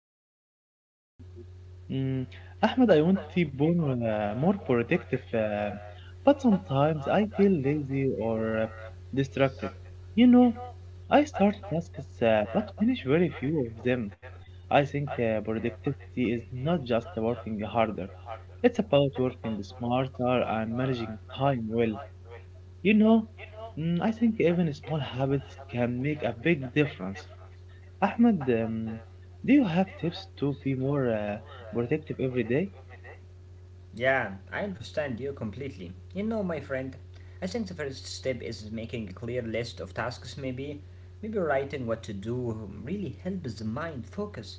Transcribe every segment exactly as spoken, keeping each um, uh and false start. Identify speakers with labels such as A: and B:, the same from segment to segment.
A: fine, my friend, thank you.
B: Mm, Ahmad, I want to be more, uh, more protective, uh, but sometimes I feel lazy or uh, distracted. You know, I start tasks uh, but finish very few of them. I think uh, productivity is not just working harder. It's about working smarter and managing time well. You know, mm, I think even small habits can make a big difference. Ahmed, um, do you have tips to be more uh, protective every day?
A: Yeah, I understand you completely. You know, my friend, I think the first step is making a clear list of tasks, maybe. Maybe writing what to do really helps the mind focus.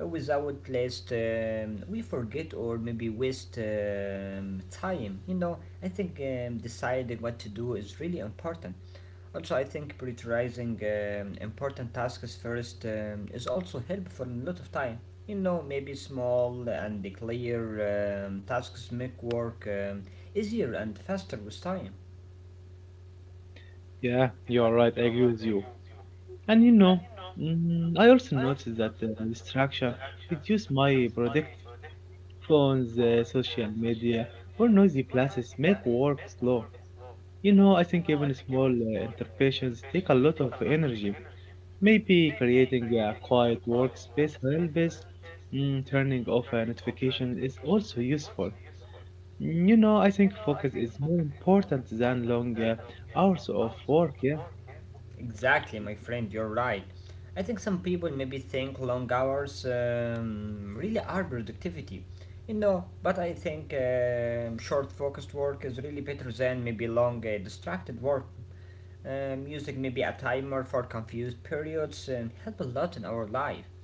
A: Uh, Without list, um, we forget or maybe waste um, time. You know, I think um, deciding what to do is really important. Also, I think prioritizing um, important tasks first um, is also helpful in a lot of time. You know, maybe small and clear um, tasks make work um, easier and faster with time.
B: Yeah, you're right. I agree with you. And you know, mm, I also noticed that uh, distraction reduce my productive phones, uh, social media, or noisy places make work slow. You know, I think even small uh, interruptions take a lot of energy. Maybe creating a quiet workspace helps. Mm, turning off a notification is also useful. You know, I think focus is more important than long uh, hours of work. Yeah,
A: Exactly, my friend, you're right. I think some people maybe think long hours um, really are productivity. You know, but I think um, short focused work is really better than maybe long uh, distracted work. Uh, music may be a timer for confused periods and help a lot in our life.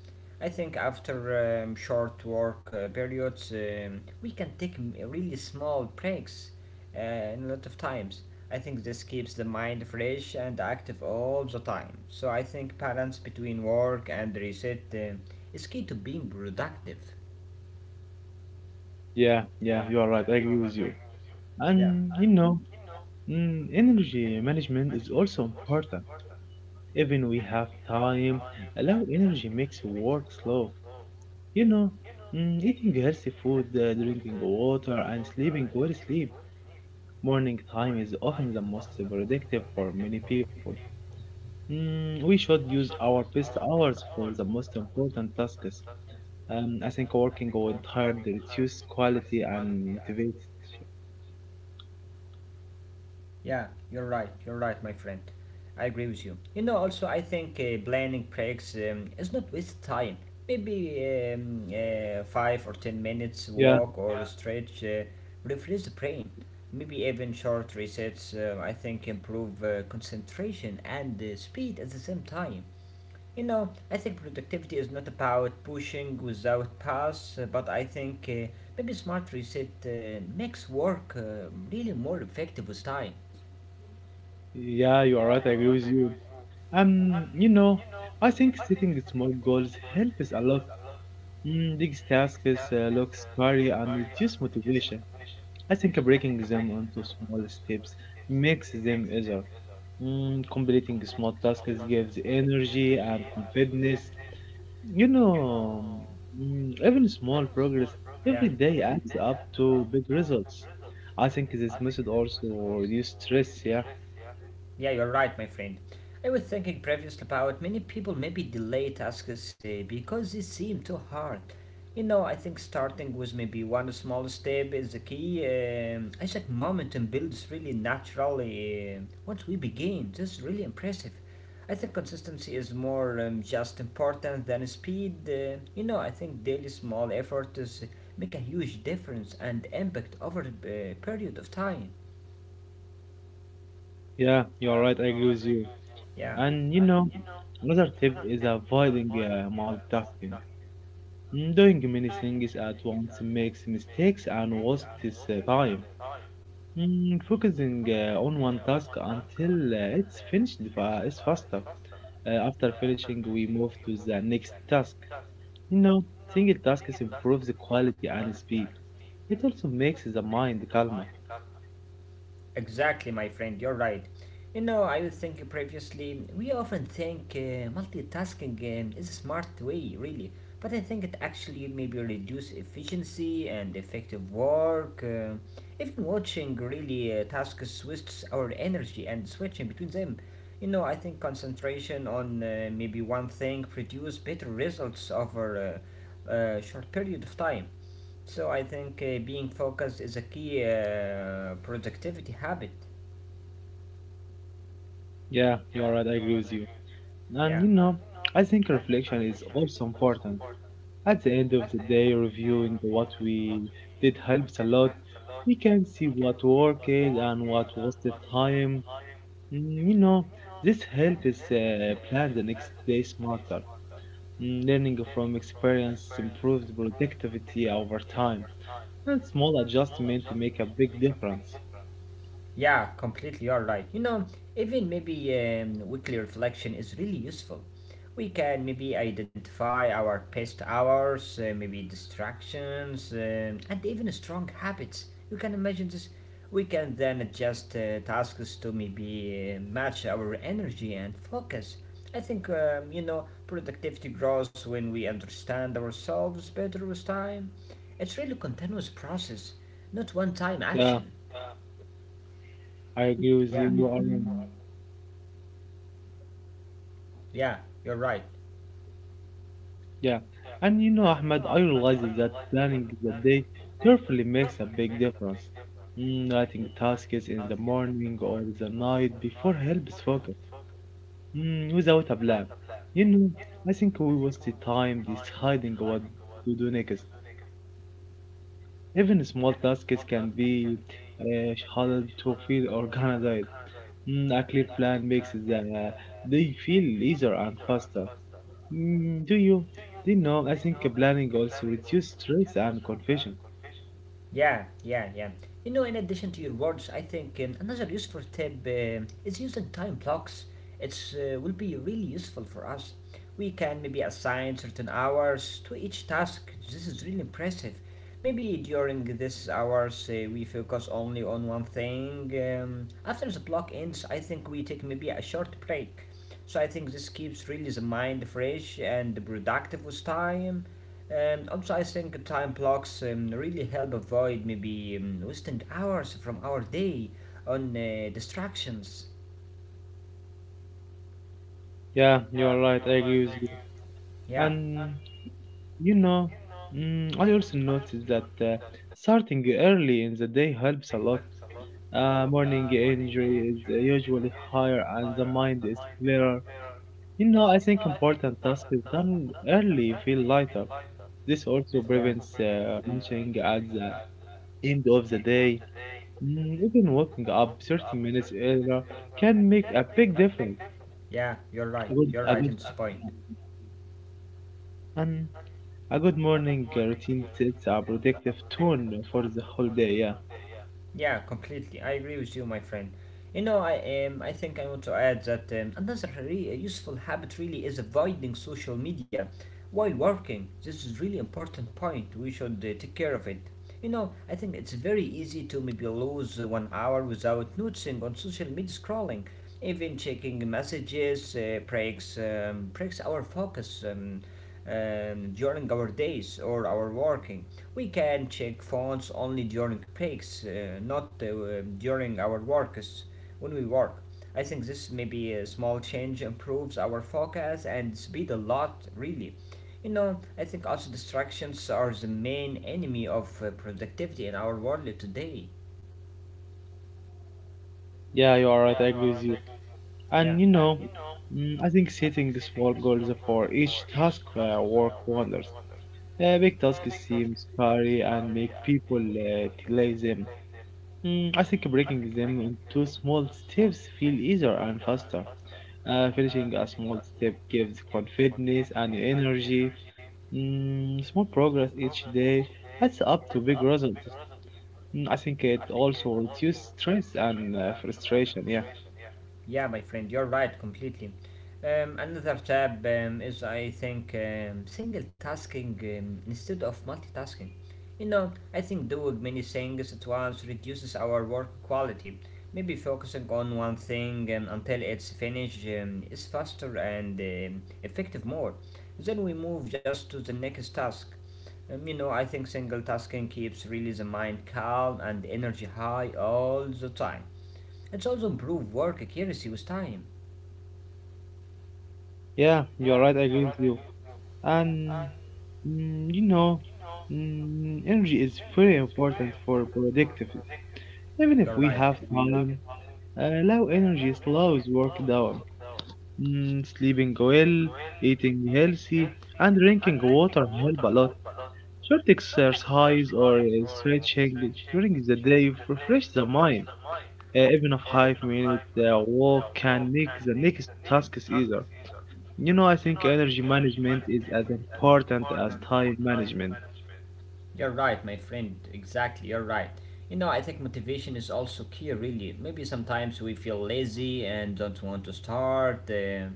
A: I think after um, short work uh, periods, um, we can take m- really small breaks uh, in a lot of times. I think this keeps the mind fresh and active all the time. So I think balance between work and reset um is key to being productive.
B: yeah, yeah. You are right. I agree with you.
A: Yeah.
B: And you know, mm, energy management is also important. Even we have time, allow energy makes work slow. You know, mm, eating healthy food, uh, drinking water, and sleeping good sleep. Morning time is often the most productive for many people. Mm, we should use our best hours for the most important tasks. Um, I think working tired, reduced quality and motivates.
A: Yeah, you're right. You're right, my friend. I agree with you. You know, also, I think uh, planning breaks um, is not waste time. Maybe um, uh, five or ten minutes
B: Yeah,
A: walk or stretch uh, refresh the brain. Maybe even short resets. Uh, I think improve uh, concentration and uh, speed at the same time. You know, I think productivity is not about pushing without pause, uh, but I think uh, maybe smart reset uh, makes work uh, really more effective with time.
B: yeah, you are right. I agree with you. Um, you know, I think setting small goals helps a lot. Mm, big tasks uh, look scary and reduce motivation. I think breaking them into small steps makes them easier. Mm, completing small tasks gives energy and confidence. You know, mm, even small progress
A: Yeah.
B: every day adds up to big results. I think this method also reduce stress. Yeah,
A: Yeah, you're right, my friend. I was thinking previously about many people maybe delay tasks uh, because they seem too hard. You know, I think starting with maybe one small step is the key. Um, I think momentum builds really naturally um once we begin. That's really impressive. I think consistency is more um, just important than speed. Uh, you know, I think daily small efforts make a huge difference and impact over a uh, period of time.
B: yeah, you are right. I agree with you.
A: Yeah.
B: And you know, another tip is avoiding uh, multitasking. Mm, Doing many things at once makes mistakes and wastes uh, time. Mm, Focusing uh, on one task until uh, it's finished fa- is faster. Uh, after finishing, we move to the next task. You know, single tasks improves the quality and speed. It also makes the mind calmer.
A: Exactly, my friend, you're right. You know, I was thinking previously, we often think uh, multitasking um, is a smart way, really, but I think it actually maybe reduce efficiency and effective work. Uh, even watching really uh, tasks wastes our energy and switching between them. You know, I think concentration on uh, maybe one thing produce better results over uh, a short period of time. So I think uh, being focused is a key uh, productivity habit.
B: Yeah, you are right, I agree with you. And you
A: Yeah,
B: know, I think reflection is also important. At the end of the day, reviewing what we did helps a lot. We can see what worked and what wasted time. Mm, You know, this helps uh, plan the next day smarter. Mm, Learning from experience improves productivity over time, and small adjustments make a big difference.
A: yeah, completely. You're right. You know, even maybe um, weekly reflection is really useful. We can maybe identify our pest hours, uh, maybe distractions, um, and even strong habits. You can imagine this. We can then adjust uh, tasks to maybe uh, match our energy and focus. I think, um, you know, productivity grows when we understand ourselves better with time. It's really continuous process, not one time
B: Yeah,
A: action.
B: I agree with you. You are right. Yeah,
A: Yeah, you're right.
B: yeah. And you know, Ahmed, I realized that planning the day carefully makes a big difference. Mm, writing tasks in the morning or the night before helps focus mm, without a plan. You know, I think we waste the time deciding what to do next. Even small tasks can be uh, harder to feel organized. Mm, a clear plan makes the they feel easier and faster. Mm, do you? Do you know? I think planning also reduces stress and confusion.
A: Yeah, yeah, yeah. You know, in addition to your words, I think um, another useful tip um is using time blocks. It's uh, will be really useful for us. We can maybe assign certain hours to each task. This is really impressive. Maybe during this hours uh, we focus only on one thing. Um, after the block ends, I think we take maybe a short break. So I think this keeps really the mind fresh and productive with time. Um, also, I think time blocks um, really help avoid maybe um, wasting hours from our day on uh, distractions.
B: Yeah, you are right. I agree with you.
A: Yeah,
B: And you know, mm, I also noticed that uh, starting early in the day helps a lot. Uh, morning energy is usually higher, and the mind is clearer. You know, I think important tasks done early feel lighter. This also
A: yeah,
B: prevents uh, reaching at the end of the day. Mm, Even waking up thirty minutes earlier can make a big difference.
A: yeah. You're
B: A
A: right.
B: good, a
A: You're right.
B: good,
A: It's right.
B: yeah, and a good morning uh, routine sets a productive tone for the whole day. Yeah,
A: Yeah, completely. I agree with you, my friend. You know, I um, I think I want to add that um, another re- uh, useful habit really is avoiding social media while working. This is really important point. We should uh, take care of it. You know, I think it's very easy to maybe lose uh, one hour without noticing on social media scrolling, even checking messages uh, breaks um, breaks our focus um, um, during our days or our working. We can check phones only during breaks, uh, not uh, during our work, when we work. I think this maybe a small change improves our focus and speed a lot, really. You know, I think also distractions are the main enemy of uh, productivity in our world today.
B: yeah, you are right. I agree with you. And you
A: Yeah.
B: know, mm, I think setting small goals for each task uh, work wonders. Uh, big tasks seem scary and make people uh, delay them. Mm, I think breaking them into small steps feel easier and faster. Uh, finishing a small step gives confidence and energy. Mm, small progress each day adds up to big results. Mm, I think it also reduces stress and uh, frustration. Yeah,
A: Yeah, my friend, you're right completely. Um, another tab um, is, I think, um, single tasking um, instead of multitasking. You know, I think doing many things at once reduces our work quality. Maybe focusing on one thing um, until it's finished um, is faster and um, effective more. Then we move just to the next task. Um, you know, I think single tasking keeps really the mind calm and energy high all the time. It's also improve work accuracy with time.
B: yeah, you're right. I agree with you. And mm, you know, mm, energy is very important for productive. Even if
A: You're
B: we
A: right.
B: have time, uh, low energy slows work down. Mm, sleeping well, eating healthy, and drinking water help a lot. Short exercise or uh, stretching during the day refresh the mind. Uh, even a five minute uh, walk can make the next tasks easier. You know, I think energy management is as important as time management.
A: You're right, my friend. Exactly, you're right. You know, I think motivation is also key, really. Maybe sometimes we feel lazy and don't want to start. Uh,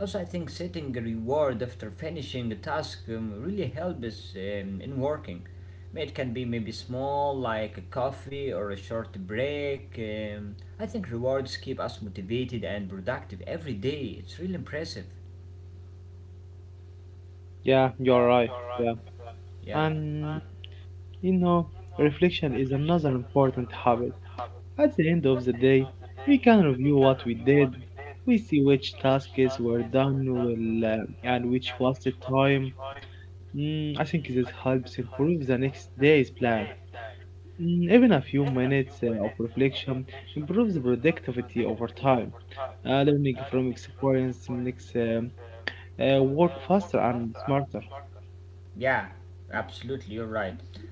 A: Also, I think setting a reward after finishing a task um, really helps us um, in working. It can be maybe small, like a coffee or a short break. Um, I think rewards keep us motivated and productive every day. It's really impressive.
B: Yeah, you're right. Yeah.
A: Yeah.
B: And you know, reflection is another important habit. At the end of the day, we can review what we did, we see which tasks were done well uh, and which wasted time. Mm, I think this helps improve the next day's plan. Mm, even a few minutes uh, of reflection improves productivity over time. Uh, learning from experience makes um, uh, work faster and smarter.
A: Yeah, absolutely, you're right.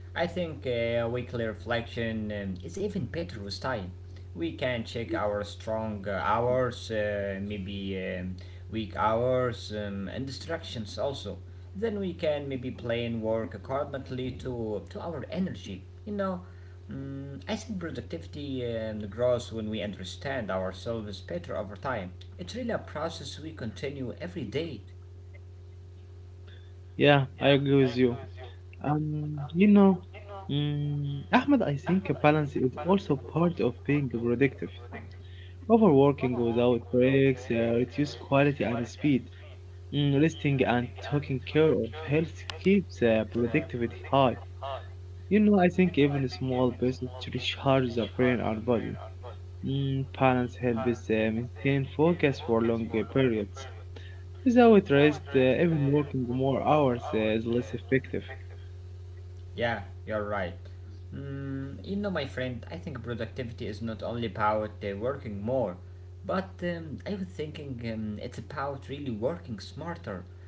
A: I think uh, weekly reflection um, is even better with time. We can check our strong uh, hours, uh, maybe um, weak hours, um, and distractions also. Then we can maybe plan work accordingly to, to our energy. You know, mm, I think productivity um, grows when we understand ourselves better over time. It's really a process we continue every day.
B: Yeah, I agree with you. Um, you know, mm, Ahmed, I think balance is also part of being productive. Overworking without breaks uh, reduces quality and speed. Mm, resting and taking care of health keeps uh, productivity high. You know, I think even small pieces to recharge the brain and body. Mm, balance helps uh, maintain focus for longer periods. Without rest, uh, even working more hours uh, is less effective.
A: Yeah, you're right. Mm, you know, my friend, I think productivity is not only about uh, working more, but um, I was thinking um, it's about really working smarter,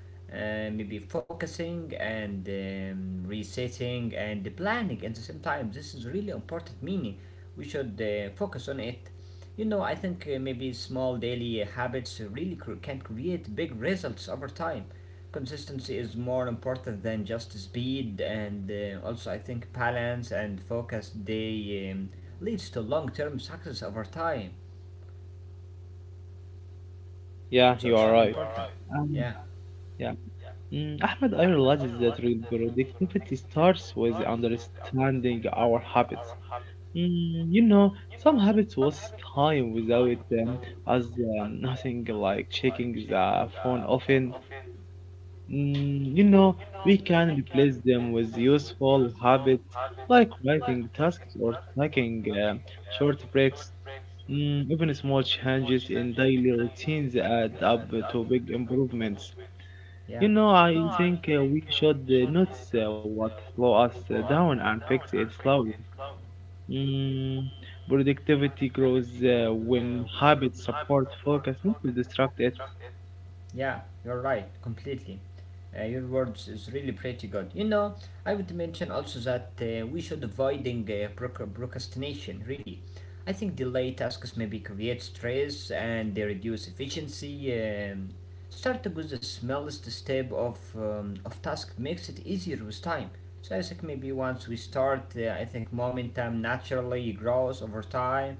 A: uh, maybe focusing and um, resetting and planning at the same time. This is really important meaning. We should uh, focus on it. You know, I think uh, maybe small daily habits really cr- can create big results over time. Consistency is more important than just speed, and uh, also I think balance and focus they um, leads to long term success over time.
B: Yeah, you
A: So
B: are right. Um,
A: yeah,
B: yeah. Mm, Ahmed, I realize that real productivity starts with understanding our habits. Mm, you know, some habits waste time without them, as um, nothing like checking the phone often. Mm, you know, we can replace them with useful habits like writing tasks or taking uh, short breaks. Mm, even small changes in daily routines add up to big improvements. You
A: yeah.
B: know, I think uh, we should uh, notice uh, what slow us uh, down and fix it slowly. Mm, productivity grows uh, when habits support focus, not to distract it.
A: Yeah, you're right, completely. Uh, your words is really pretty good. You know, I would mention also that uh, we should avoiding uh, proc- procrastination. Really, I think delay tasks maybe create stress and they reduce efficiency. Um, Start with the smallest step of um, of task makes it easier with time. So I think maybe once we start, uh, I think momentum naturally grows over time.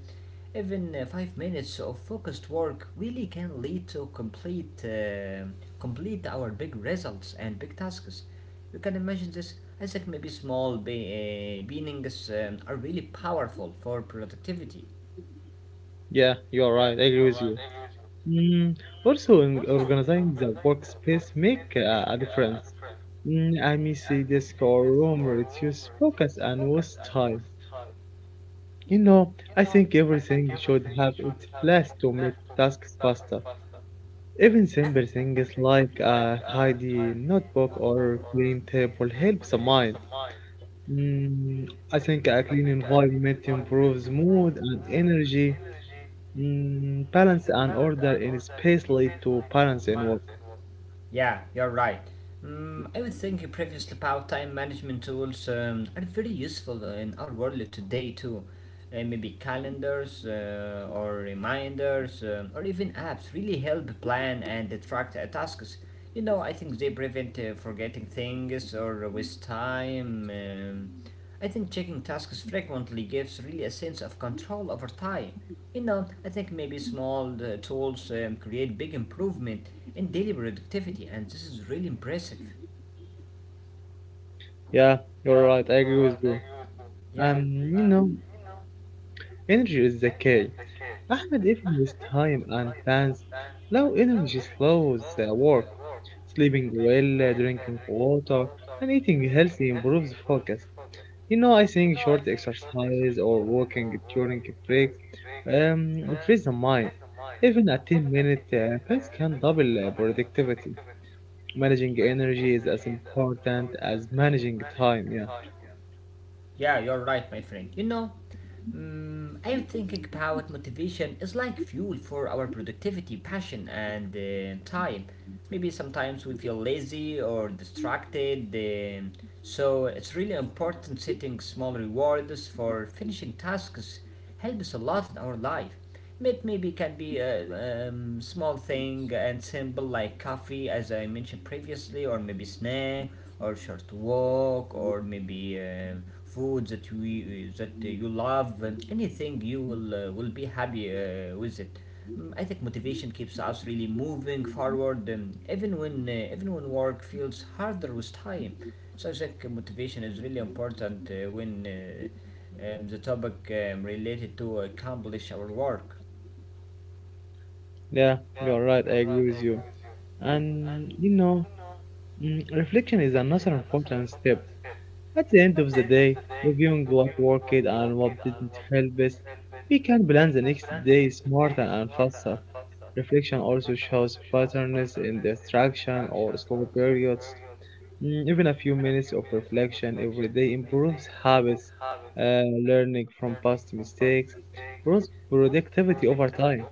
A: Even uh, five minutes of focused work really can lead to complete uh, complete our big results and big tasks. You can imagine this. I think maybe small be- uh, beginnings um, are really powerful for productivity.
B: Yeah, you are right. I agree with you. Mm, also, in organizing the workspace make uh, a difference. Mm, I miss a desk or room reduce focus and waste time. You know, I think everything should have its place to make tasks faster. Even simple things like a tidy notebook or clean table help the mind. Mm, I think a clean environment improves mood and energy. Mm, balance and order in space lead to balance in work.
A: Yeah, you're right. Um, I was thinking previously about time management tools um, are very useful in our world today too. Uh, maybe calendars uh, or reminders um, or even apps really help plan and track uh, tasks. You know, I think they prevent uh, forgetting things or waste time. Um, I think checking tasks frequently gives really a sense of control over time. You know, I think maybe small uh, tools um, create big improvement in daily productivity, and this is really impressive.
B: Yeah, you're right. I agree with you.
A: Yeah,
B: Um, you know, energy is the key. Ahmed, even with time and plans, low energy slows the work. Sleeping well, uh, drinking water, and eating healthy improves focus. You know, I think short exercise or walking during breaks um, frees the mind. Even a ten minute uh, pace can double uh, productivity. Managing energy is as important as managing time. Yeah,
A: yeah, you're right, my friend. You know, mm I'm thinking about motivation is like fuel for our productivity, passion, and uh, time. Maybe sometimes we feel lazy or distracted, um, so it's really important setting small rewards for finishing tasks help us a lot in our life. It maybe can be a um, small thing and simple like coffee, as I mentioned previously, or maybe snack, or short walk, or maybe uh, food that we that you love, and anything you will uh, will be happy uh, with it. Mm, I think motivation keeps us really moving forward, um, even when uh, even when work feels harder with time. So I think uh, motivation is really important uh, when. Uh, and the topic um, related to accomplish our work.
B: yeah, you're right. I agree with you.
A: Yeah.
B: And you know, mm, reflection is another important step. At the end of the day, reviewing what worked and what didn't help us, we can plan the next day smarter and faster. Reflection also shows patterns in distraction or slow periods. Mm, Even a few minutes of reflection every day improves habits, uh, learning from past mistakes, grows productivity over time.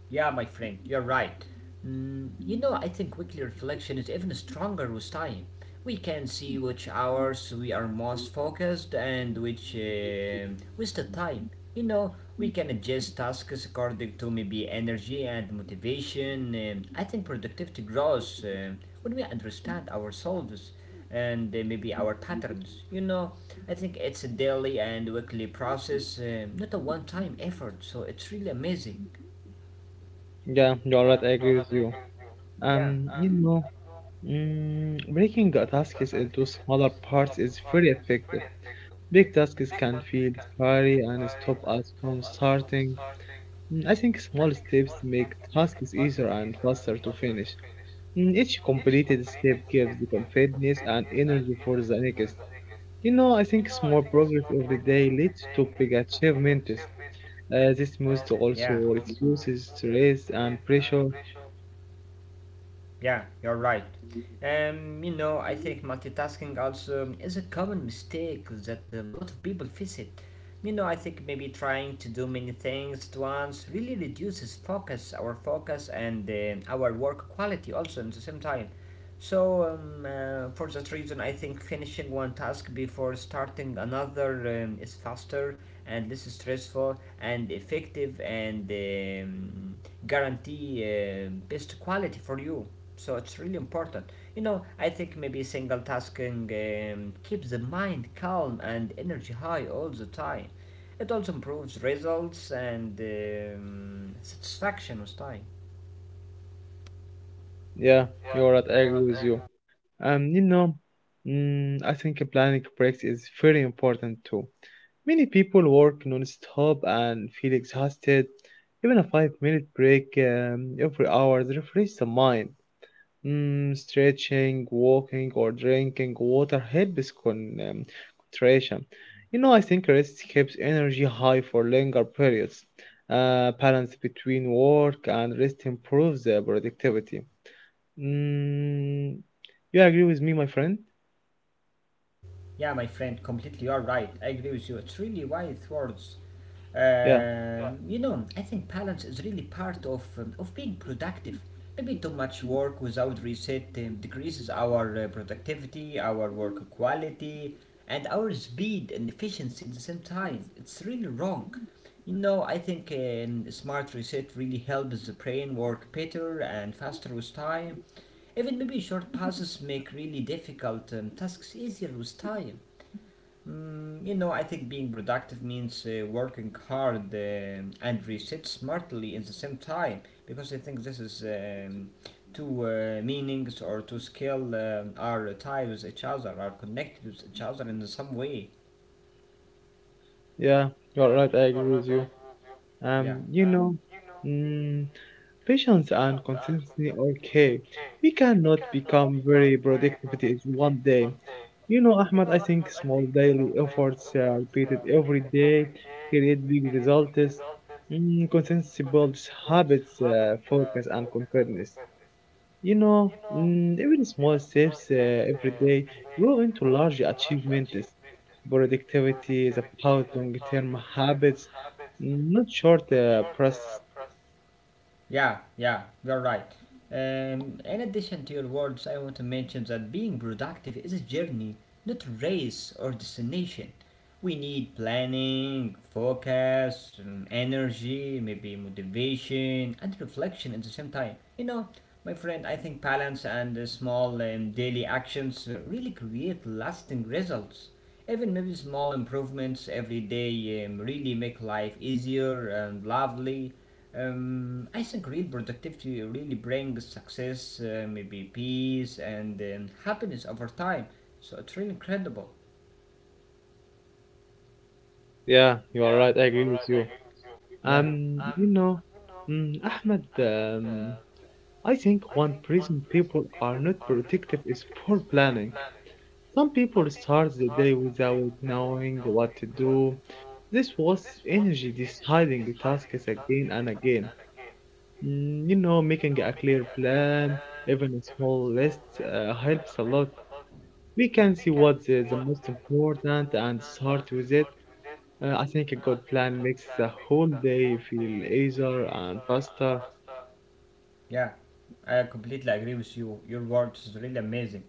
A: Yeah, my friend, you're right. Mm, you know, I think weekly reflection is even stronger with time. We can see which hours we are most focused and which uh, wasted time. You know, we can adjust tasks according to maybe energy and motivation. Um, I think productivity grows um, when we understand ourselves and uh, maybe our patterns. You know, I think it's a daily and weekly process, uh, not a one time effort, so it's really amazing.
B: Yeah, you're right, I agree with you.
A: Yeah.
B: Um, you know, mm, breaking a task is into smaller parts is very effective. Big tasks can feel scary and stop us from starting. Mm, I think small steps make tasks easier and faster to finish. Mm, Each completed step gives the confidence and energy for the next. You know, I think small progress every day leads to big achievements. Uh, this must
A: Yeah,
B: also reduces stress and pressure.
A: yeah, you're right. Um, you know, I think multitasking also is a common mistake that um, a lot of people face it. You know, I think maybe trying to do many things at once really reduces focus, our focus, and um our work quality also at the same time. So, um, uh, for that reason, I think finishing one task before starting another um, is faster and less stressful and effective and um, guarantee uh, best quality for you. So it's really important. You know, I think maybe single tasking um, keeps the mind calm and energy high all the time. It also improves results and um, satisfaction with time.
B: Yeah, you're right. I agree with you. Um, you know, mm, I think planning breaks is very important too. Many people work non-stop and feel exhausted. Even a five-minute break um, every hour refreshes the mind. Mm, stretching, walking, or drinking water helps con um, concentration. You know, I think rest keeps energy high for longer periods. Uh, balance between work and rest improves the productivity. Mm, you agree with me, my friend?
A: Yeah, my friend, completely you are right. I agree with you. It's really wise words.
B: Yeah,
A: Uh, you know, I think balance is really part of um, of being productive. Maybe too much work without reset um, decreases our uh, productivity, our work quality, and our speed and efficiency at the same time. It's really wrong. You know, I think um, smart reset really helps the brain work better and faster with time. Even maybe short pauses make really difficult um, tasks easier with time. Mm, you know, I think being productive means uh, working hard uh, and reset smartly at the same time because I think this is um, two uh, meanings or two skill um, are tied with each other, are connected with each other in some way.
B: yeah, you're right. I agree with you.
A: Yeah.
B: Um, you know. mm, Patience and consistency are key. We cannot become very productivity in one day. You know, Ahmad, I think small daily efforts uh, repeated every day create big results. Mm, consistency builds habits, uh, focus, and confidence. You know, mm, even small steps uh, every day grow into large achievements. Productivity is about long-term habits, mm, not short uh, process.
A: Yeah, yeah, you're right. Um, in addition to your words, I want to mention that being productive is a journey, not a race or destination. We need planning, focus, um, energy, maybe motivation, and reflection at the same time. You know, my friend, I think balance and uh, small um, daily actions uh, really create lasting results. Even maybe small improvements every day um, really make life easier and lovely. Um, I think real productivity really brings success, uh, maybe peace and um, happiness over time. So it's really incredible.
B: Yeah, you are right. I agree with you.
A: Yeah,
B: Um, you know, mm, Ahmed, um, I think one reason people are not protective is poor planning. Some people start the day without knowing what to do. This was energy deciding tasks again and again. Mm, you know, making a clear plan, even a small list, uh, helps a lot. We can see what's the, the most important and start with it. Uh, I think a good plan makes the whole day feel easier and faster.
A: yeah. I completely agree with you. Your words is really amazing.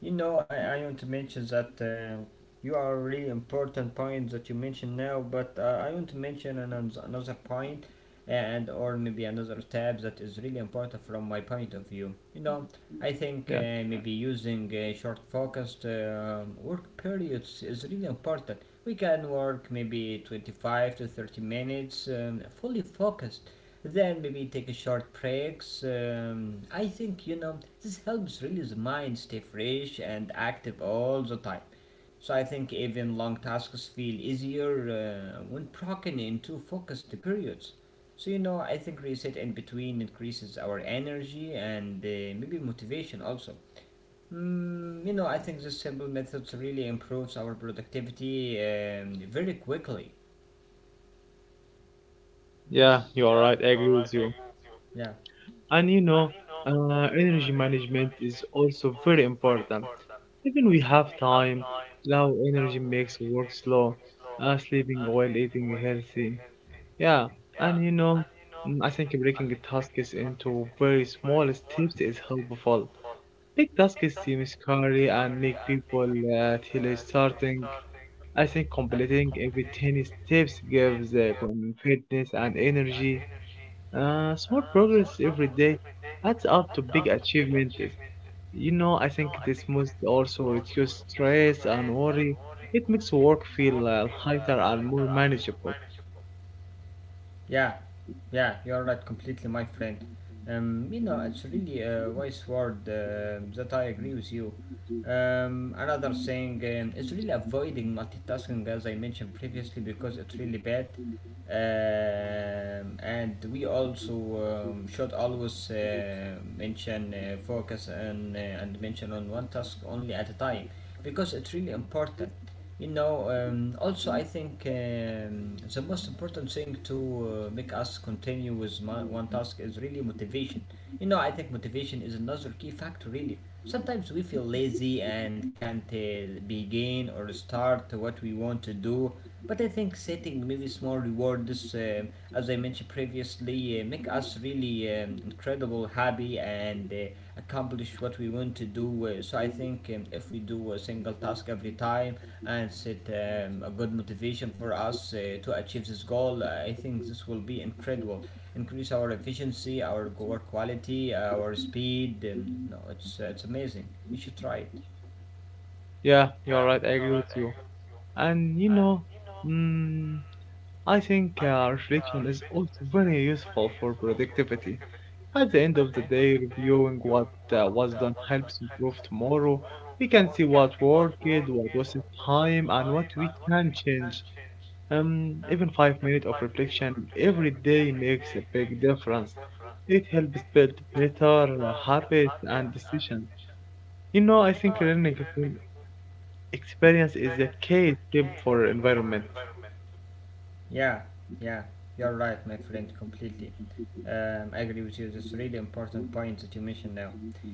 A: You know, I, I want to mention that uh, you are a really important point that you mentioned now, but uh, I want to mention another, another point and or maybe another tab that is really important from my point of view. You know, I think
B: Yeah,
A: uh, maybe using uh, short focused um work periods is really important. We can work maybe twenty-five to thirty minutes um, fully focused then maybe take a short breaks. Um, I think you know this helps really the mind stay fresh and active all the time. So I think even long tasks feel easier uh, when broken into focused periods. So you know I think reset in between increases our energy and uh, maybe motivation also. Mm, you know I think this simple methods really improves our productivity um, very quickly.
B: yeah, you are right. I agree with you.
A: Yeah.
B: And you know, uh, energy management is also very important. Even we have time, low energy makes work slow. Uh, sleeping well, eating healthy. Yeah, and you know, mm, I think breaking tasks into very small steps is helpful. Big tasks is seem scary and make people uh, till starting. I think completing every tiny steps gives uh, confidence and energy. Uh, small progress every day adds up to big achievements. You know, I think this must also reduce stress and worry. It makes work feel uh, lighter and more manageable.
A: Yeah, yeah, you're right completely, my friend. Um, you know, it's really a wise word uh, that I agree with you. Um, another thing um, is really avoiding multitasking, as I mentioned previously, because it's really bad. Um, and we also um, should always uh, mention uh, focus and uh, and mention on one task only at a time, because it's really important. You know, um, also I think um, the most important thing to uh, make us continue with my, one task is really motivation. You know, I think motivation is another key factor really. Sometimes we feel lazy and can't uh, begin or start what we want to do but I think setting maybe small rewards, um, as I mentioned previously, uh, make us really um, incredible, happy, and uh, accomplish what we want to do. Uh, so I think um, if we do a single task every time and set um, a good motivation for us uh, to achieve this goal, I think this will be incredible. Increase our efficiency, our work quality, our speed. Um, no, it's, uh, it's amazing. You should try it.
B: Yeah, you're right. I agree with you. And you know, mm, I think uh, reflection is also very useful for productivity. At the end of the day, reviewing what uh, was done helps improve tomorrow. We can see what worked, what wasted time, and what we can change. Um, even five minutes of reflection every day makes a big difference. It helps build better uh, habits and decisions. You know, I think learning from experience is a key tip for environment.
A: Yeah, yeah, you're right, my friend, completely. Um, I agree with you. That's a really important point that you mentioned now.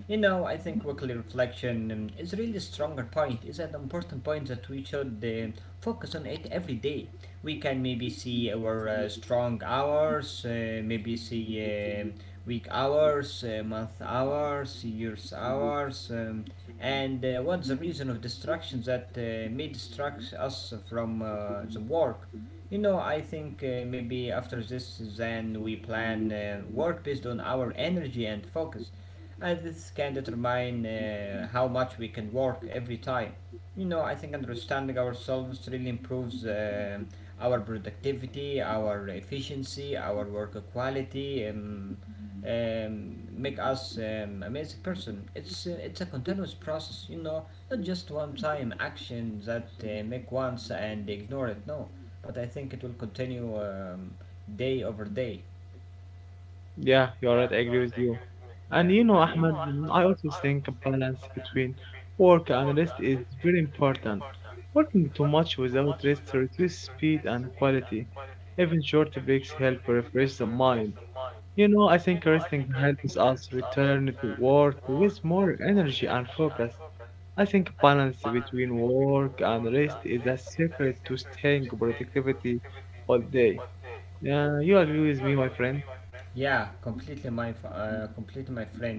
A: You know, I think weekly reflection um, is really stronger point. Is an important point that we should uh, focus on it every day. We can maybe see our uh, strong hours, uh, maybe see uh, week hours, uh, month hours, years hours, um, and uh, what's the reason of distractions that uh, may distract us from uh, the work. You know, I think uh, maybe after this, then we plan uh, work based on our energy and focus and this can determine uh, how much we can work every time. You know, I think understanding ourselves really improves uh, our productivity, our efficiency, our work quality, and um, make us um, amazing person. It's uh, it's a continuous process, you know, not just one time action that uh, make once and ignore it. No, but I think it will continue um, day over day.
B: Yeah, you're right. I agree with you. And you
A: Yeah.
B: know, Ahmed, mm, I also think a balance between work and rest is very important. Working too much without rest reduces speed and quality. Even short breaks help refresh the mind. You know, I think resting helps us return to work with more energy and focus. I think balance between work and rest is a secret to staying productivity all day. Yeah, you agree with me, my friend?
A: Yeah, completely my f- uh, completely my friend.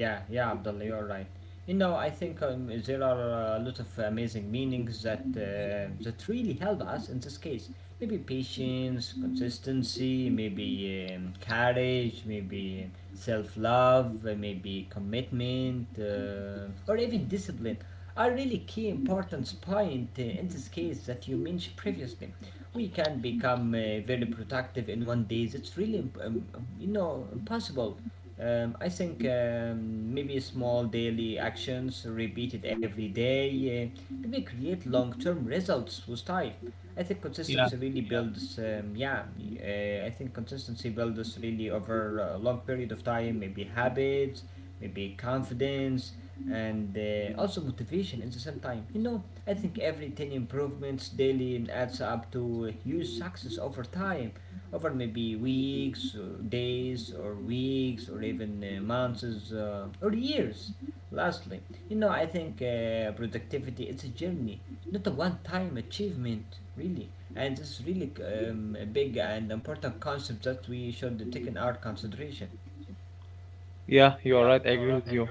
A: Yeah, yeah, Abdullah, you're right. You know, I think um, there are a lot of amazing meanings that uh, that really help us in this case. Maybe patience, consistency, maybe um, courage, maybe self-love, uh, maybe commitment, uh, or even discipline. A really key important point uh, in this case that you mentioned previously. We can become uh, very productive in one day. It's really, imp- um, you know, impossible. Um, I think um, maybe small daily actions repeated every day uh, maybe create long-term results with time. I think consistency really builds. Um, yeah, uh, I think consistency builds really over a long period of time. Maybe habits, maybe confidence and uh, also motivation at the same time. You know, I think every ten improvements daily adds up to huge success over time, over maybe weeks, or days, or weeks, or even uh, months, uh, or years. Lastly, you know, I think uh, productivity is a journey, not a one time achievement, really. And this is really um, a big and important concept that we should take in our consideration.
B: Yeah, you are right. I agree with you.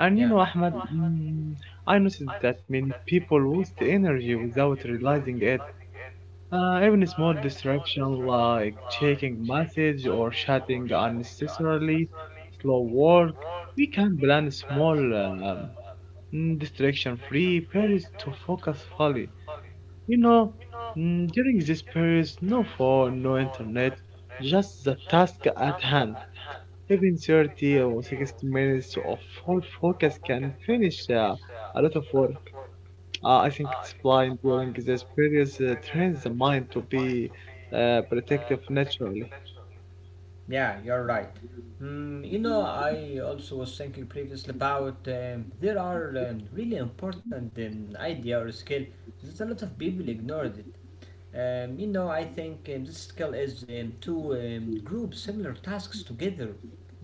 B: And you know,
A: Yeah.
B: Ahmed, mm, I noticed that many people waste energy without realizing it. Uh, even a small distraction like checking message or chatting unnecessarily, slow work. We can plan small um, mm, distraction-free periods to focus fully. You know, mm, during this period, no phone, no internet, just the task at hand. Even thirty or sixty minutes of full focus can finish uh, a lot of work. Uh, I think it's blind during this period uh, trains the mind to be uh, protective naturally.
A: Yeah, you're right. Mm, you know, I also was thinking previously about um, there are uh, really important um, idea or skill that a lot of people ignored it. Um, you know, I think um, this skill is um, to um, group similar tasks together.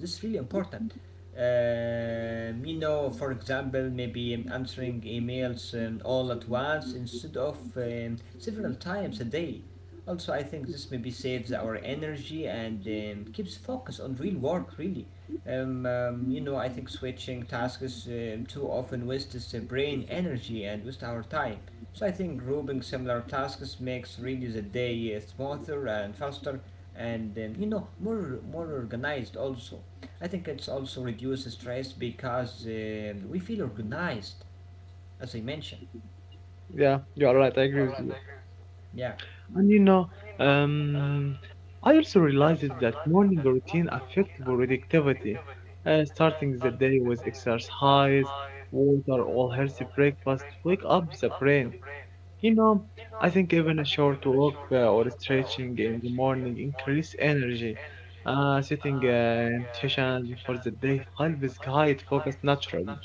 A: This is really important um, you know, for example, maybe um, answering emails um, all at once instead of um, several times a day. Also, I think this maybe saves our energy and um, keeps focus on real work, really. Um, um, you know, I think switching tasks um, too often wastes the brain energy and wastes our time. So I think grouping similar tasks makes really the day uh, smoother and faster, and um, you know, more more organized also. I think it's also reduces stress because um we feel organized, as I mentioned.
B: Yeah, you are right. I agree with you.
A: Yeah.
B: And you know, um, I also realized that morning routine affects productivity. Uh, starting the day with exercise, water, or healthy breakfast wake up the brain. You know, I think even a short walk uh, or stretching in the morning increase energy. Uh, setting uh, intention for the day helps guide focus naturally.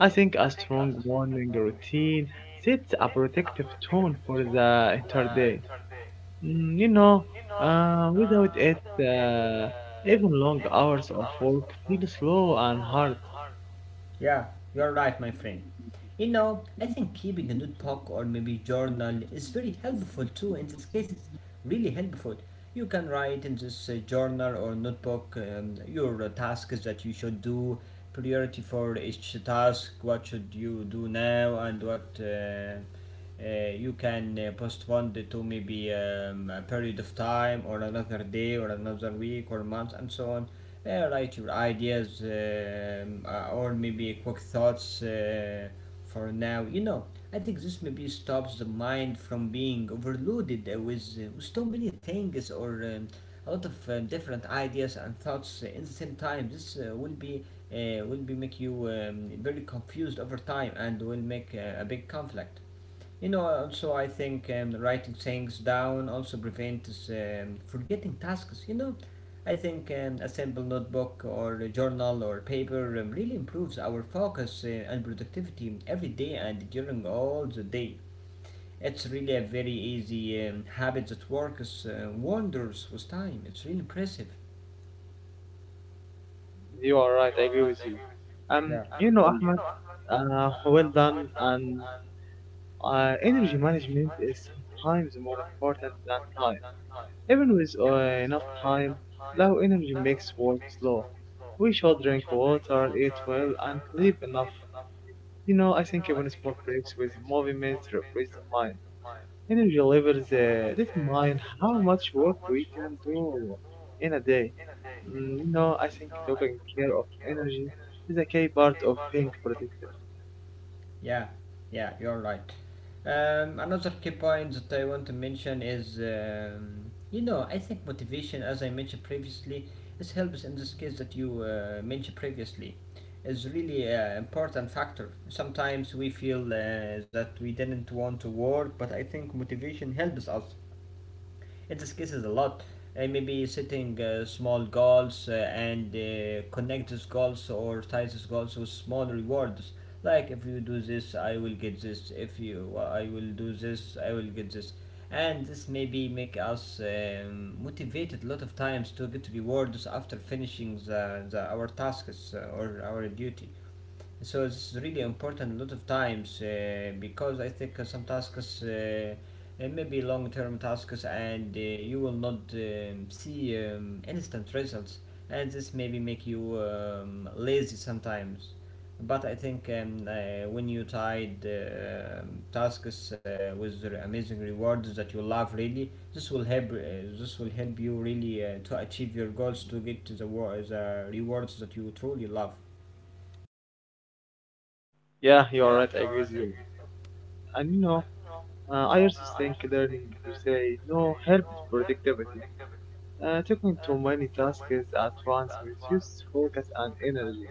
B: I think a strong morning routine sets a protective tone for the entire day. Mm, you know, uh, without it, uh, even long hours of work feel slow and hard.
A: Yeah, you're right, my friend. You know, I think keeping a notebook or maybe journal is very helpful too in these cases. Really helpful. You can write in this uh, journal or notebook um, your uh, tasks that you should do, priority for each task, what should you do now, and what uh, uh, you can uh, postpone it to maybe um, a period of time or another day or another week or month and so on uh, write your ideas um, uh, or maybe quick thoughts uh, for now. You know, I think this maybe stops the mind from being overloaded uh, with, uh, with so many things or um, a lot of uh, different ideas and thoughts uh, in the same time. This uh, will be uh, will be make you um, very confused over time and will make uh, a big conflict. You know, also I think um, writing things down also prevents um, forgetting tasks. You know, I think um, a simple notebook or a journal or paper um, really improves our focus uh, and productivity every day and during all the day. It's really a very easy um, habit that works uh, wonders with time. It's really impressive.
B: You are right. I agree with you. Um,
A: Yeah.
B: you know, Ahmed. Uh, well done. And Uh, energy management is sometimes more important than time. Even with uh, enough time, low energy makes work slow. We should drink water, eat well, and sleep enough. You know, I think even small breaks with movement refresh the mind. Energy levels uh, determine how much work we can do in a day. Mm, you know, I think taking care of energy is a key part of being productive.
A: Yeah, yeah, you're right. Um, another key point that I want to mention is, um, you know, I think motivation, as I mentioned previously, is helps in this case that you uh, mentioned previously, is really an important factor. Sometimes we feel uh, that we didn't want to work, but I think motivation helps us. It discusses a lot. Uh, maybe setting uh, small goals uh, and uh, connect these goals or tie these goals with small rewards. Like if you do this, I will get this. If you, uh, I will do this, I will get this. And this maybe make us um, motivated a lot of times to get rewards after finishing the, the our tasks uh, or our duty, so it's really important a lot of times uh, because I think uh, some tasks uh, uh, maybe long term tasks and uh, you will not um, see um, instant results, and this maybe make you um, lazy sometimes. But I think um, uh, when you tied uh, tasks uh, with amazing rewards that you love really, this will help uh, this will help you really uh, to achieve your goals, to get to the, the rewards that you truly love.
B: Yeah, you are right. I agree with you. And you know, Uh, I also think learning to say no helps productivity. Uh, taking too many tasks at once reduces focus and energy.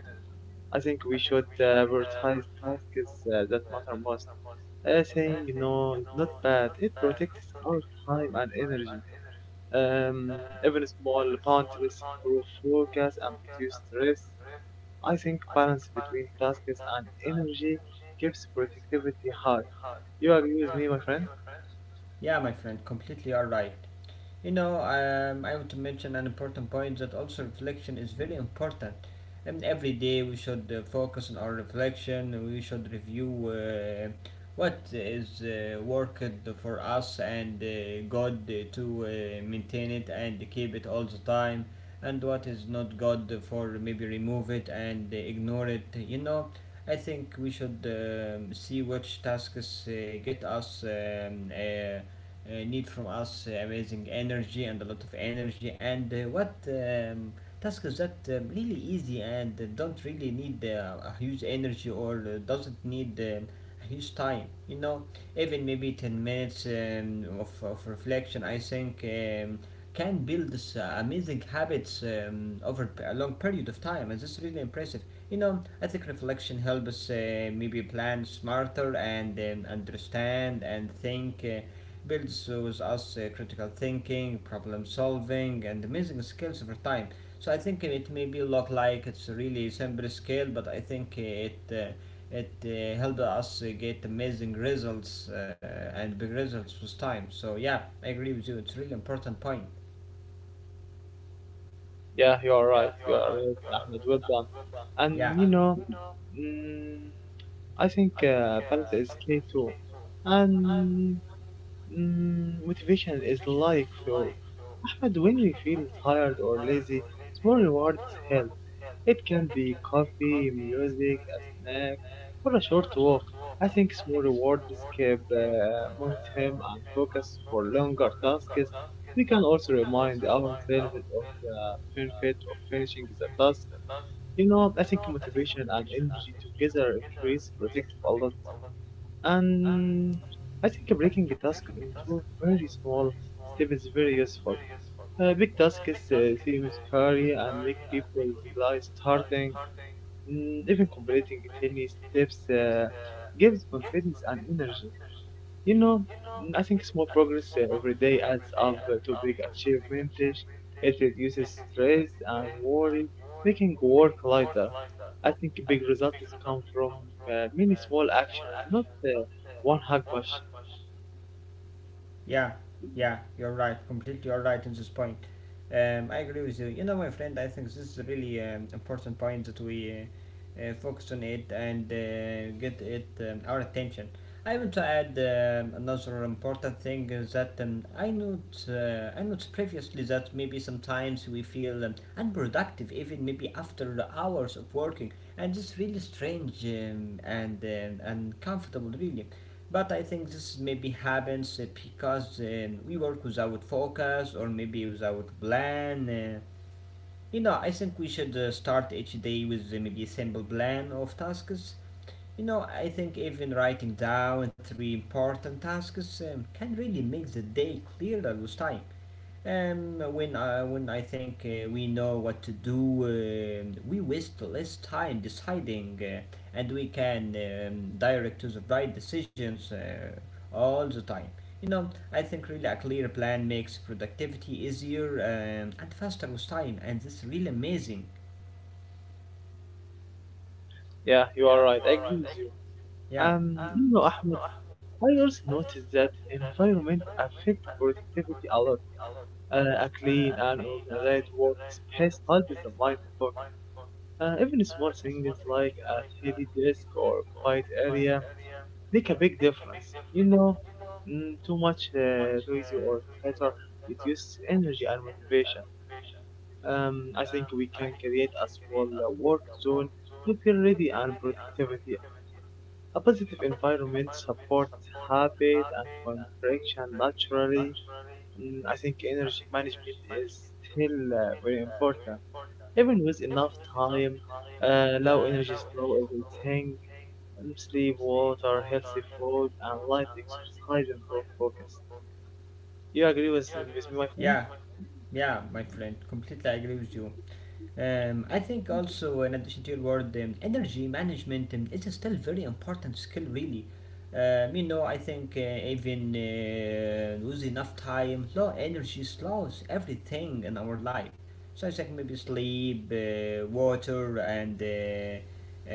B: I think we should uh, prioritize tasks uh, that matter most. Uh, saying no is not bad. It protects our time and energy. Um, Even small boundaries improve focus and reduce stress. I think balance between tasks and energy keeps productivity high. You agree with me, my friend?
A: Yeah, my friend, completely all right. You know, um, I want to mention an important point that also reflection is very important. And every day we should uh, focus on our reflection. We should review uh, what is uh, worked for us and uh, God to uh, maintain it and keep it all the time, and what is not God for maybe remove it and ignore it. You know, I think we should um, see which tasks uh, get us. Um, uh, uh, need from us uh, amazing energy and a lot of energy and uh, what um, task that um, really easy and uh, don't really need uh, a huge energy or uh, doesn't need um, a huge time, you know, even maybe ten minutes um, of, of reflection, i think um, can build this uh, amazing habits um, over p- a long period of time, and this is really impressive. You know, I think reflection helps us uh, maybe plan smarter and um, understand and think uh, builds with us uh, critical thinking, problem solving, and amazing skills over time. So I think it maybe look like it's a really simple skill, but I think it uh, it uh, helped us uh, get amazing results uh, and big results with time. So yeah, I agree with you. It's a really important point.
B: Yeah, you are right. You are right, Ahmed. Well done.
A: Yeah.
B: And you know, mm, I think uh, balance is key too. And mm, motivation is like fuel. And when we feel tired or lazy, small rewards help. It can be coffee, music, a snack, or a short walk. I think small rewards keep uh, momentum and focus for longer tasks. We can also remind ourselves of the benefit of finishing the task. You know, I think motivation and energy together increase productive a lot. And I think breaking a task into very small steps is very useful. Uh, big tasks uh, seem scary and make people delay starting. Mm, even completing tiny steps uh, gives confidence and energy. You know, mm, I think small progress uh, every day adds up uh, to big achievements. It reduces stress and worry, making work lighter. I think big results come from uh, many small actions, not uh, one hug bash.
A: Yeah, yeah, you're right. Completely, you're right in this point. Um, I agree with you. You know, my friend, I think this is a really um, important point that we uh, uh, focus on it and uh, get it um, our attention. I want to add um, another important thing is that um, I note uh, I noticed previously that maybe sometimes we feel um, unproductive even maybe after the hours of working, and it's really strange um, and um, uncomfortable really. But I think this maybe happens uh, because uh, we work without focus or maybe without plan. Uh, you know, I think we should uh, start each day with uh, maybe a simple plan of tasks. You know, I think even writing down three important tasks um, can really make the day clearer with time. Um, when I, when I think uh, we know what to do, um we waste less time deciding, uh, and we can um, direct to the right decisions uh, all the time. You know, I think really a clear plan makes productivity easier and and faster with time, and this is really amazing.
B: Yeah, you are right. I agree with you.
A: Yeah,
B: Um, you know, Ahmed, I also noticed that environment affects productivity a lot. Uh, a clean and organized workspace helps the mind focus. Uh, even small things like a shady desk or quiet area make a big difference. You know, mm, too much uh, noisy or clutter reduces energy and motivation. Um, I think we can create a small uh, work zone to feel ready and productivity. A positive environment supports habit and contraction naturally. Mm, I think energy management is still uh, very important. Even with enough time, uh, low energy slow everything, and sleep, water, healthy food, and light exercise improve focus. You agree with, with me, my friend?
A: yeah, yeah, my friend, completely agree with you. Um, I think also, in addition to your word, um, energy management um, is still very important skill, really. Um, you know, I think uh, even uh, with enough time, low energy slows everything in our life. So I think maybe sleep, uh, water, and uh, uh,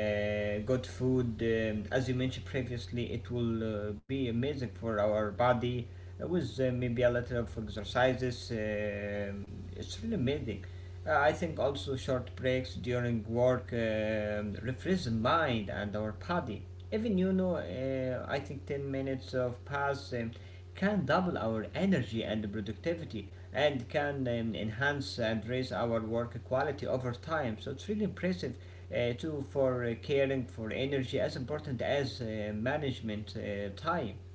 A: good food. Um, as you mentioned previously, it will uh, be amazing for our body uh, with uh, maybe a little of exercises. Um it's really amazing. Uh, I think also short breaks during work um, refresh the mind and our body. Even you know, uh, I think ten minutes of pause um, can double our energy and productivity and can um, enhance and raise our work quality over time. So it's really impressive uh, too for uh, caring for energy as important as uh, management uh, time.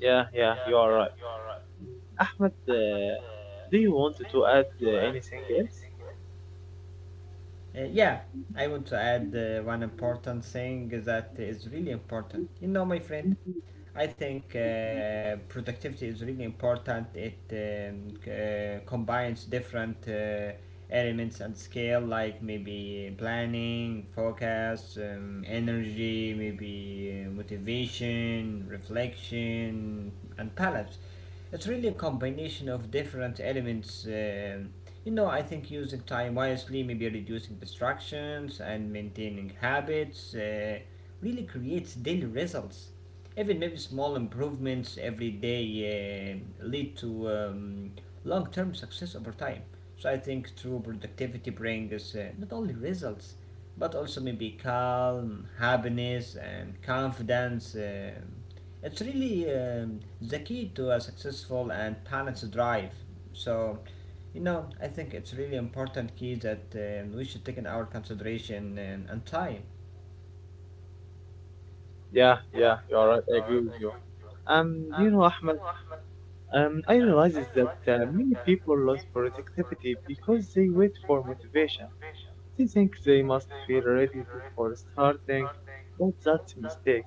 B: Yeah, yeah, you are right. Mm, Ahmed, uh, do you want to add uh, anything else?
A: Uh, yeah, I want to add uh, one important thing that is really important. You know, my friend, I think uh, productivity is really important. It um, c- uh, combines different uh, elements and scale, like maybe planning, focus, um, energy, maybe uh, motivation, reflection, and balance. It's really a combination of different elements. Um you know, I think using time wisely, maybe reducing distractions and maintaining habits, uh, really creates daily results. Even maybe small improvements every day uh, lead to um, long term success over time. So I think true productivity brings uh, not only results, but also maybe calm, happiness, and confidence. Um it's really um, the key to a successful and balanced drive. So you know, I think it's really important key that um, we should take in our consideration and, and time.
B: Yeah, yeah, you are right. I agree with you. Um, you know, Ahmed, um, I realize is that uh, many people lose productivity because they wait for motivation. They think they must feel ready before starting, but that's a mistake.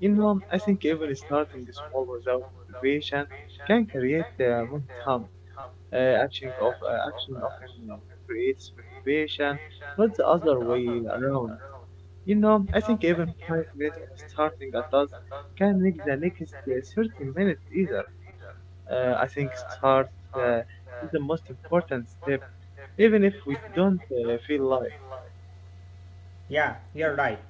B: You know, I think even starting small without motivation can create the momentum. Uh, action of uh, action often uh, creates motivation, not the other way around. You know, I think even five minutes of starting a task can make the next uh, thirty minutes either. Uh, I think start uh, is the most important step, even if we don't uh, feel like.
A: Yeah, you're right.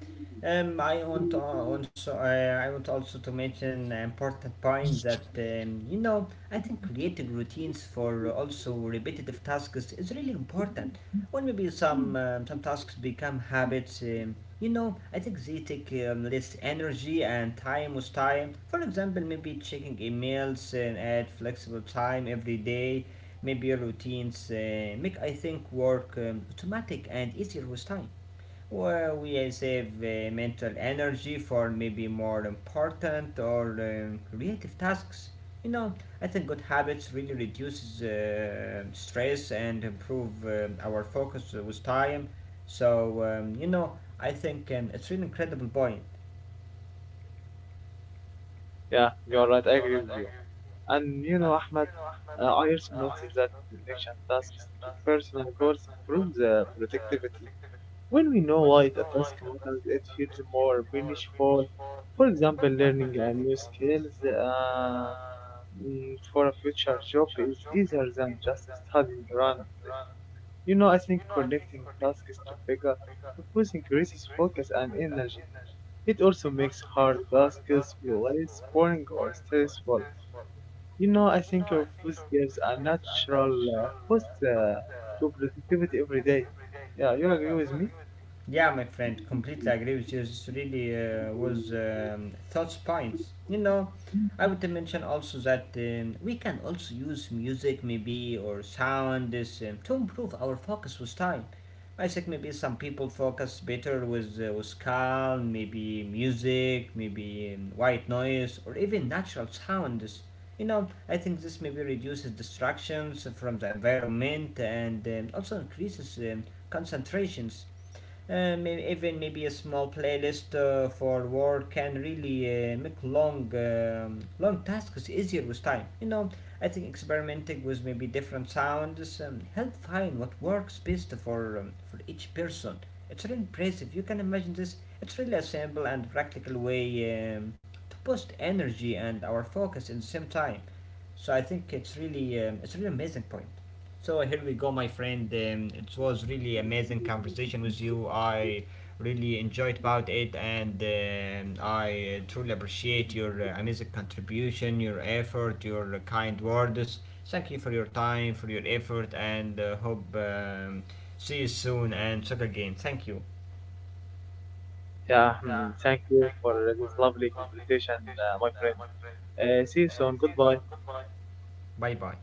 A: Um, I want to also uh, I want also to mention an important point that um, you know I think creating routines for also repetitive tasks is really important. Or maybe some um, some tasks become habits. Um, you know, I think they take um, less energy and time with time. For example, maybe checking emails and at flexible time every day. Maybe routines uh, make I think work um, automatic and easier with time, where we save uh, mental energy for maybe more important or um, creative tasks. You know, I think good habits really reduces uh, stress and improve uh, our focus with time. So um, you know, I think um, it's really incredible point.
B: Yeah, you're right. I agree with you. And you know, Ahmed, uh, I also noticed that connection tasks to personal goals improve the productivity. When we know why the task matters, it feels more meaningful. For example, learning a new skills uh, mm, for a future job is easier than just studying randomly. You know, I think connecting tasks to bigger purpose increases focus and energy. It also makes hard tasks less boring or stressful. You know, I think your post gives a natural uh, boost uh, to productivity every day. Yeah, you agree with me?
A: Yeah, my friend, completely agree with you. This really uh, was um, thoughts points. You know, I would mention also that um, we can also use music maybe or sound this um, to improve our focus with time. I think maybe some people focus better with uh, with calm, maybe music, maybe um, white noise, or even natural sounds. You know, I think this maybe reduces distractions from the environment and um, also increases um, concentrations uh, maybe even maybe a small playlist uh, for work can really uh, make long um, long tasks easier with time. You know, I think experimenting with maybe different sounds um, help find what works best for um, for each person. It's really impressive, you can imagine this. It's really a simple and practical way um, to boost energy and our focus in the same time. So I think it's really um, it's really amazing point. So here we go, my friend. Um, it was really amazing conversation with you. I really enjoyed about it, and um, I truly appreciate your uh, amazing contribution, your effort, your kind words. Thank you for your time, for your effort, and uh, hope um, see you soon and talk again. Thank you.
B: Yeah, hmm, thank you for this lovely conversation, uh, my friend. Uh, see you soon. Goodbye.
A: Bye bye.